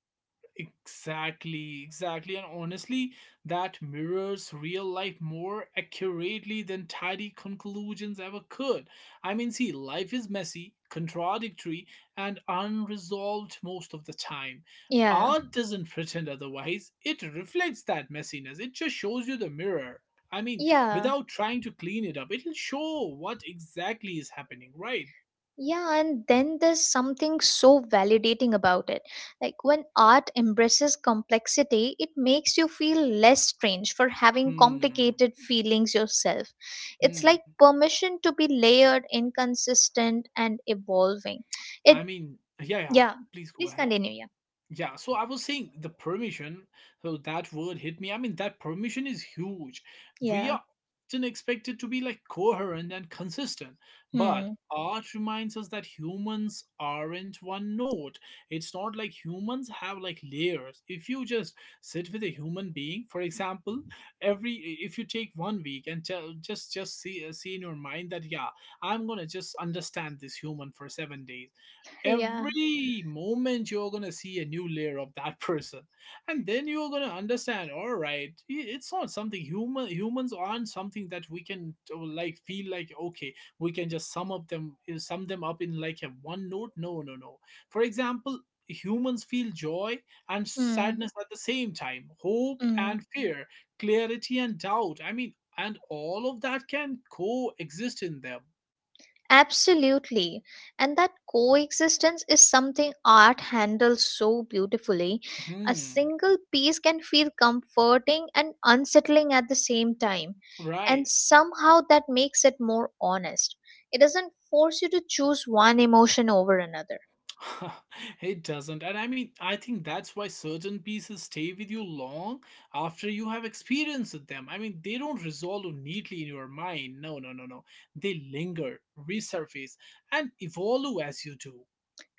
Exactly, exactly. And honestly, that mirrors real life more accurately than tidy conclusions ever could. I mean, see, life is messy, contradictory, and unresolved most of the time. Yeah. Art doesn't pretend otherwise, it reflects that messiness. It just shows you the mirror. I mean, Yeah. without trying to clean it up, it'll show what exactly is happening, right? Yeah, and then there's something so validating about it. Like, when art embraces complexity, it makes you feel less strange for having Hmm. complicated feelings yourself. It's like Hmm. permission to be layered, inconsistent, and evolving. It, I mean, yeah, yeah. yeah, Please go please ahead. continue. Yeah. Yeah, so I was saying the permission, so that word hit me. I mean, that permission is huge. We Yeah. are often expected to be like coherent and consistent, but Hmm. art reminds us that humans aren't one note. It's not like humans have like layers. If you just sit with a human being, for example, every if you take one week and tell just see in your mind that yeah, I'm gonna just understand this human for 7 days. Yeah. Every moment you're going to see a new layer of that [LAUGHS] person, and then you're going to understand, all right, it's not something human. Humans aren't something that we can like feel like okay, we can just sum them up in like a one note. No, no, no. For example, humans feel joy and Hmm. sadness at the same time, hope Hmm. and fear, clarity and doubt. I mean, and all of that can coexist in them. Absolutely. And that coexistence is something art handles so beautifully. A Hmm, single piece can feel comforting and unsettling at the same time. right. And somehow that makes it more honest. It doesn't force you to choose one emotion over another. [LAUGHS] It doesn't. And I mean, I think that's why certain pieces stay with you long after you have experienced with them. I mean, they don't resolve neatly in your mind. No, no, no, no. They linger, resurface, and evolve as you do.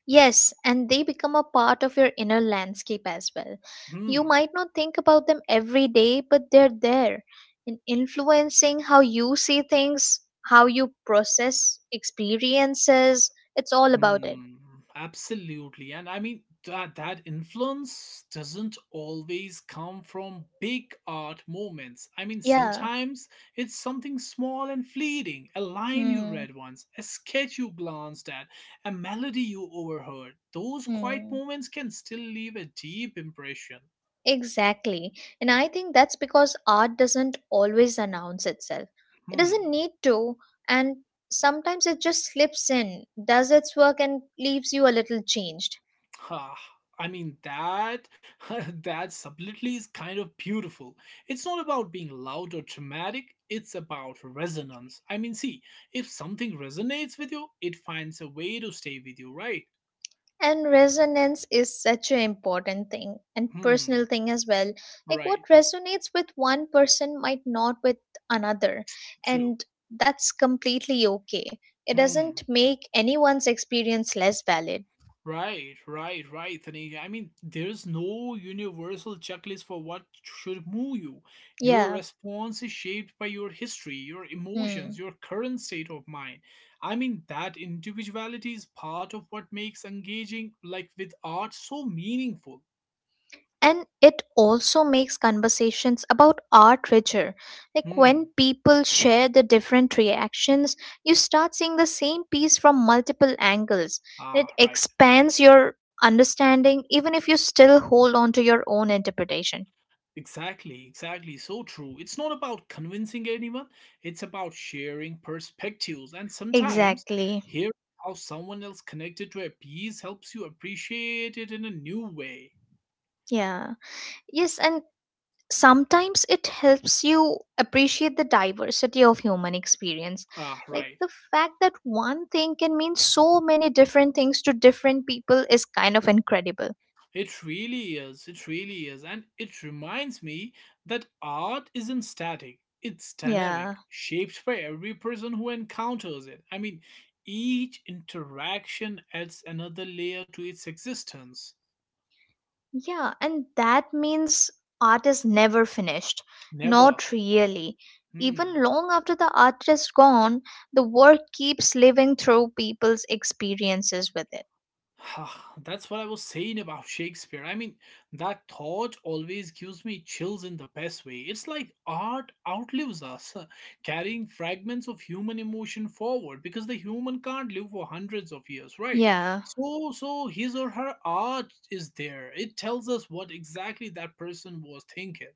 Yes, and they become a part of your inner landscape as well. You Hmm. might not think about them every day, but they're there and influencing how you see things, how you process experiences. It's all about it. Hmm, absolutely. And I mean that influence doesn't always come from big art moments. I mean Yeah. sometimes it's something small and fleeting, a line you Hmm. read once, a sketch you glanced at, a melody you overheard. Those quiet Hmm. moments can still leave a deep impression. Exactly. And I think that's because art doesn't always announce itself. It Hmm. doesn't need to, and sometimes it just slips in, does its work, and leaves you a little changed. Ha! I mean that [LAUGHS] that subtlety is kind of beautiful. It's not about being loud or dramatic, it's about resonance. I mean, see, if something resonates with you, it finds a way to stay with you, right? And resonance is such an important thing and Hmm, personal thing as well. Like right. what resonates with one person might not with another, True. and that's completely okay. It doesn't Hmm. make anyone's experience less valid. Right, right, right, Tanika. I mean, there's no universal checklist for what should move you. Your Yeah. response is shaped by your history, your emotions, Hmm. your current state of mind. I mean, that individuality is part of what makes engaging like with art so meaningful. And it also makes conversations about art richer, like Hmm. when people share the different reactions, you start seeing the same piece from multiple angles. It Ah, right. expands your understanding even if you still hold on to your own interpretation. Exactly, exactly. So true. It's not about convincing anyone, it's about sharing perspectives. And sometimes Exactly. hearing how someone else connected to a piece helps you appreciate it in a new way. Yeah. Yes, and sometimes it helps you appreciate the diversity of human experience, Ah, like right. the fact that one thing can mean so many different things to different people is kind of incredible. It really is. It really is. And it reminds me that art isn't static, it's Yeah. dynamic, shaped by every person who encounters it. I mean, each interaction adds another layer to its existence. Yeah, and that means art is never finished, Never. not really. Hmm. Even long after the art is gone, the work keeps living through people's experiences with it. [SIGHS] Ah, that's what I was saying about Shakespeare. I mean, that thought always gives me chills in the best way. It's like art outlives us, [LAUGHS] carrying fragments of human emotion forward because the human can't live for hundreds of years, right? Yeah. So, so his or her art is there. It tells us what exactly that person was thinking.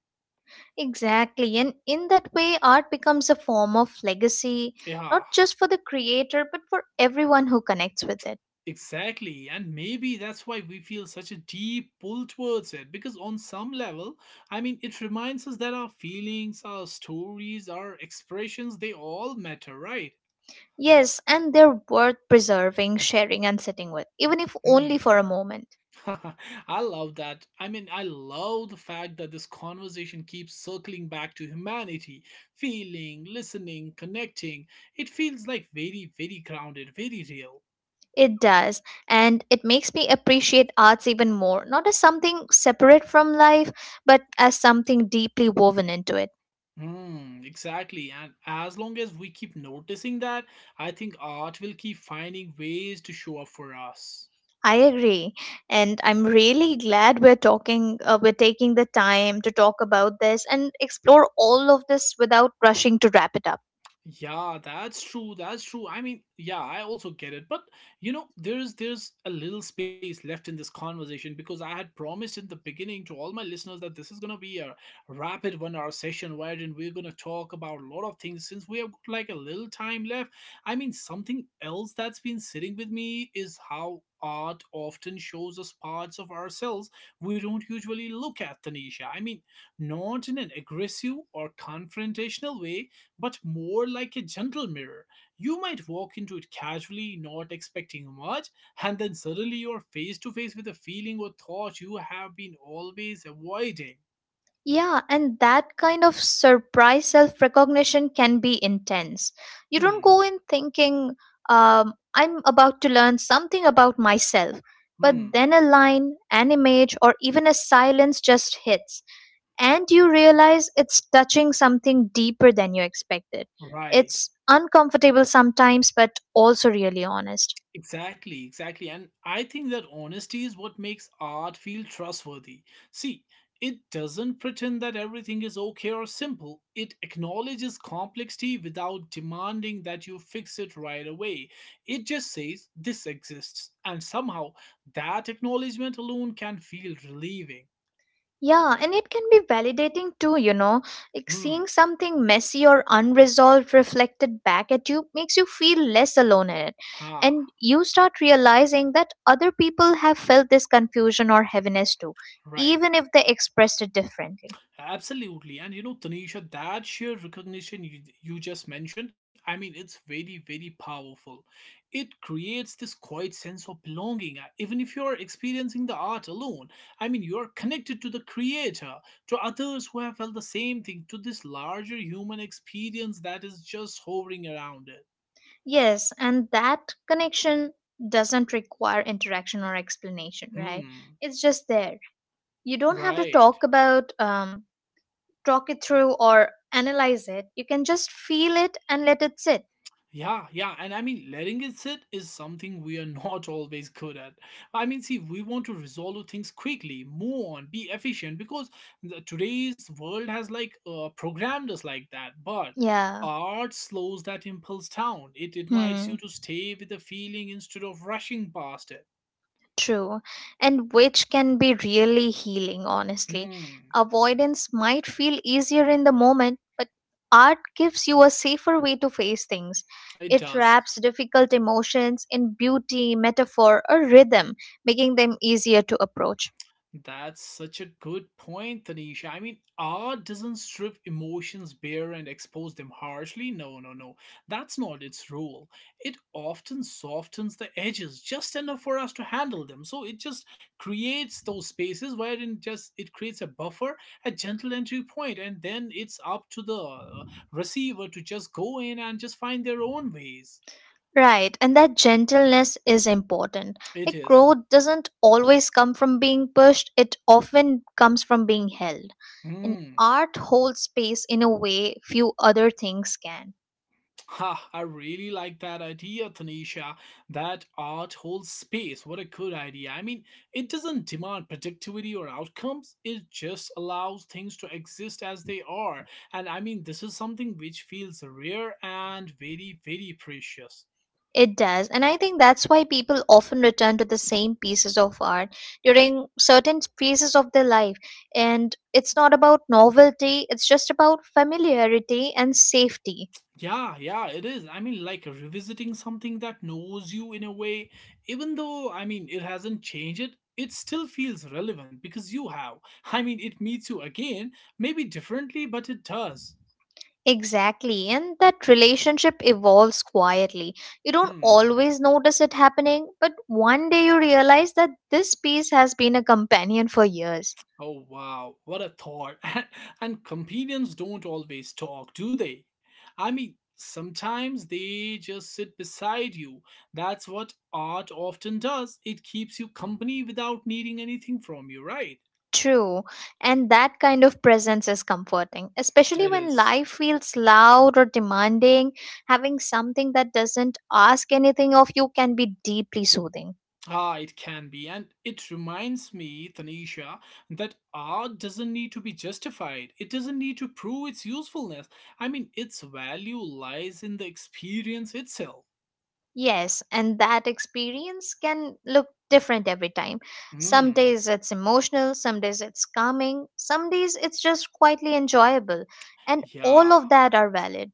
Exactly. And in that way, art becomes a form of legacy, Yeah. not just for the creator, but for everyone who connects with it. Exactly, and maybe that's why we feel such a deep pull towards it because, on some level, I mean, it reminds us that our feelings, our stories, our expressions they all matter, right? Yes, and they're worth preserving, sharing, and sitting with, even if only for a Hmm. moment. [LAUGHS] I love that. I mean, I love the fact that this conversation keeps circling back to humanity, feeling, listening, connecting. It feels like very, very grounded, very real. It does. And it makes me appreciate arts even more, not as something separate from life, but as something deeply woven into it. Hmm, exactly. And as long as we keep noticing that, I think art will keep finding ways to show up for us. I agree. And I'm really glad we're talking, we're taking the time to talk about this and explore all of this without rushing to wrap it up. Yeah, that's true. That's true. I mean, yeah, I also get it. But there's a little space left in this conversation because I had promised in the beginning to all my listeners that this is gonna be a rapid 1 hour session wherein we're gonna talk about a lot of things since we have got like a little time left. I mean, something else that's been sitting with me is how art often shows us parts of ourselves we don't usually look at, Tanisha. I mean, not in an aggressive or confrontational way but more like a gentle mirror. You might walk into it casually, not expecting much, and then suddenly you're face to face with a feeling or thought you have been always avoiding. Yeah, and that kind of surprise self recognition can be intense. You don't Hmm, go in thinking, I'm about to learn something about myself. But hmm, then a line, an image, or even a silence just hits, and you realize it's touching something deeper than you expected. right. It's uncomfortable sometimes, but also really honest. Exactly, exactly. And I think that honesty is what makes art feel trustworthy. See, it doesn't pretend that everything is okay or simple. It acknowledges complexity without demanding that you fix it right away. It just says this exists. And somehow that acknowledgement alone can feel relieving. Yeah, and it can be validating too. Like Hmm, seeing something messy or unresolved reflected back at you makes you feel less alone in it. ah, And you start realizing that other people have felt this confusion or heaviness too, right. even if they expressed it differently. Absolutely. And you know, Tanisha, that sheer recognition you just mentioned, I mean, it's very, very powerful. It creates this quiet sense of belonging. Even if you're experiencing the art alone, I mean, you're connected to the creator, to others who have felt the same thing, to this larger human experience that is just hovering around it. Yes, and that connection doesn't require interaction or explanation, right? Hmm, It's just there. You don't have to right. Talk it through or analyze it. You can just feel it and let it sit. Yeah, yeah, and I mean, letting it sit is something we are not [LAUGHS] always good at. I mean, see, we want to resolve things quickly, move on, be efficient, because today's world has like programmed us like that. But Yeah. art slows that impulse down. It invites Hmm. you to stay with the feeling instead of rushing past it. True, and which can be really healing, honestly. Hmm, Avoidance might feel easier in the moment, but art gives you a safer way to face things. it It does. wraps difficult emotions in beauty, metaphor, or rhythm, making them easier to approach. That's such a good point, Tanisha. I mean, art doesn't strip emotions bare and expose them harshly. No, no, no. That's not its role. It often softens the edges just enough for us to handle them. So it just creates those spaces wherein just it creates a buffer, a gentle entry point, and then it's up to the receiver to just go in and just find their own ways. Right, and that gentleness is important. It Like is. growth doesn't always come from being pushed, it often comes from being held. And Hmm. art holds space in a way few other things can. Ha, I really like that idea, Tanisha. That art holds space. What a good idea. I mean, it doesn't demand productivity or outcomes, it just allows things to exist as they are. And I mean, this is something which feels rare and very, very precious. It does. And I think that's why people often return to the same pieces of art during certain phases of their life. And it's not about novelty, it's just about familiarity and safety. Yeah, yeah, it is. I mean, like revisiting something that knows you in a way, even though, I mean, it hasn't changed it, it still feels relevant because you have. [LAUGHS] I mean, it meets you again, maybe differently, but it does. Exactly. And that relationship evolves quietly. You don't Hmm. always notice it happening, but one day you realize that this piece has been a companion for years. Oh, wow. What a thought. [LAUGHS] And companions don't always talk, do they? I mean, sometimes they just sit beside you. That's what art often does. It keeps you company without needing anything from you, right? True, and that kind of presence is comforting, especially It when is. life feels loud or demanding. Having something that doesn't ask anything of you can be deeply soothing. Ah, it can be, and it reminds me, Tanisha, that art doesn't need to be justified. It doesn't need to prove its usefulness. I mean, its value lies in the experience itself. Yes, and that experience can look different every time. Some Hmm. days it's emotional, some days it's calming, some days it's just quietly enjoyable, and all Yeah. of that are valid.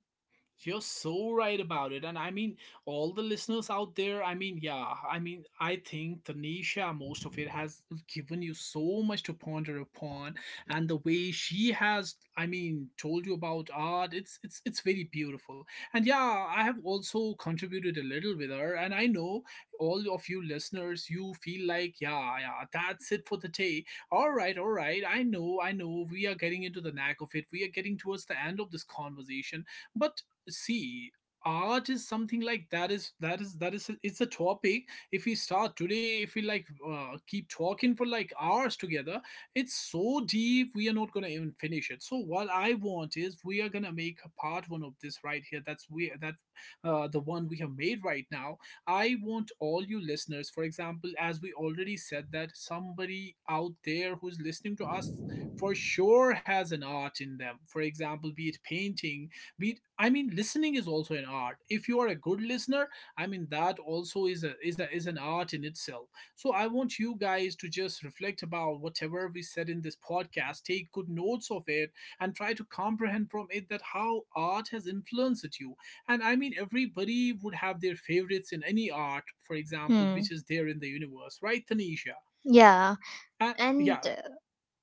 You're so right about it. And I mean, all the listeners out there, I mean, yeah, I mean, I think Tanisha, most of it has given you so much to ponder upon. And the way she has, I mean, told you about art, it's very beautiful. And yeah, I have also contributed a little with her. And I know all of you listeners, you feel like, yeah, yeah, that's it for the day. All right, all right. I know, we are getting into the knack of it. We are getting towards the end of this conversation. But see, art is something like that is that is that is it's a topic. If we start today, if we like keep talking for like hours together, it's so deep we are not going to even finish it. So what I want is we are going to make a part one of this right here. That's we that uh, the one we have made right now. I want all you listeners, for example, as we already said, that somebody out there who's listening to us for sure has an art in them. For example, be it painting, we I mean listening is also an art if you are a good listener. I mean that also is a is a is an art in itself. So I want you guys to just reflect about whatever we said in this podcast, take good notes of it, and try to comprehend from it that how art has influenced you. And I mean everybody would have their favorites in any art, for example, Hmm. which is there in the universe, right, Tanisha? Yeah, And and yeah.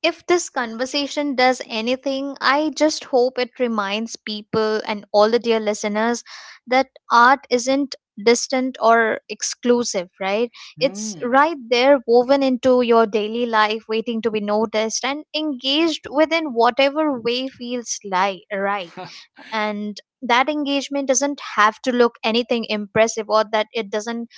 if this conversation does anything, I just hope it reminds people and all the dear listeners that art isn't distant or exclusive, right? It's Hmm. right there, woven into your daily life, waiting to be noticed and engaged within whatever way feels like, right, and that engagement doesn't have to look anything impressive, or that it doesn't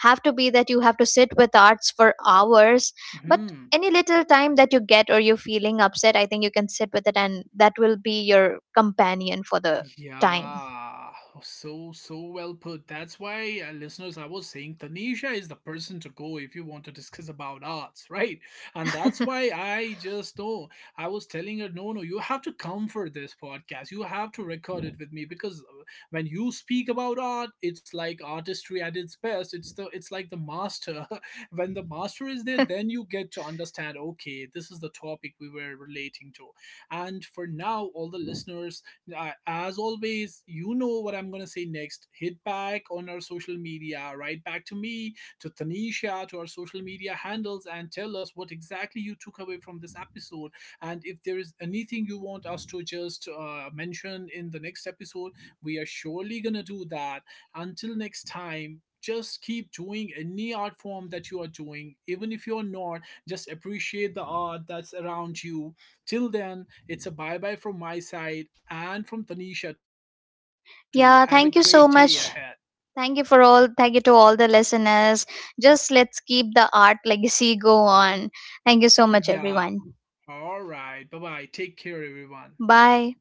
have to be that you have to sit with arts for hours, [LAUGHS] but Hmm. any little time that you get or you're feeling upset, I think you can sit with it, and that will be your companion for the time. Yeah, so well put. That's why, listeners, I was saying Tanisha is the person to go if you want to discuss about arts, [LAUGHS] right? And that's [LAUGHS] why I just know I was telling her, no, no, you have to come for this podcast. You have to record it with me because when you speak about art, it's like artistry at its best. It's like the master. [LAUGHS] When the master is there, then you get to understand. Okay, this is the topic we were relating to. And for now, all the listeners as always, you know what I'm going to say next. Hit back on our social media, right back to me, to Tanisha, to our social media handles, and tell us what exactly you took away from this episode. And if there is anything you want us to just mention in the next episode, we are surely going to do that. Until next time, just keep doing any art form that you are doing, even if you're not, just appreciate the art that's around you. Till then, it's a bye bye from my side and from Tanisha too. Have a great day Yeah, ahead. thank you so much. Thank you for all, thank you to all the listeners. Just let's keep the art legacy go on. Thank you so much, Yeah, everyone. all right. Bye bye. Take care, everyone. Bye.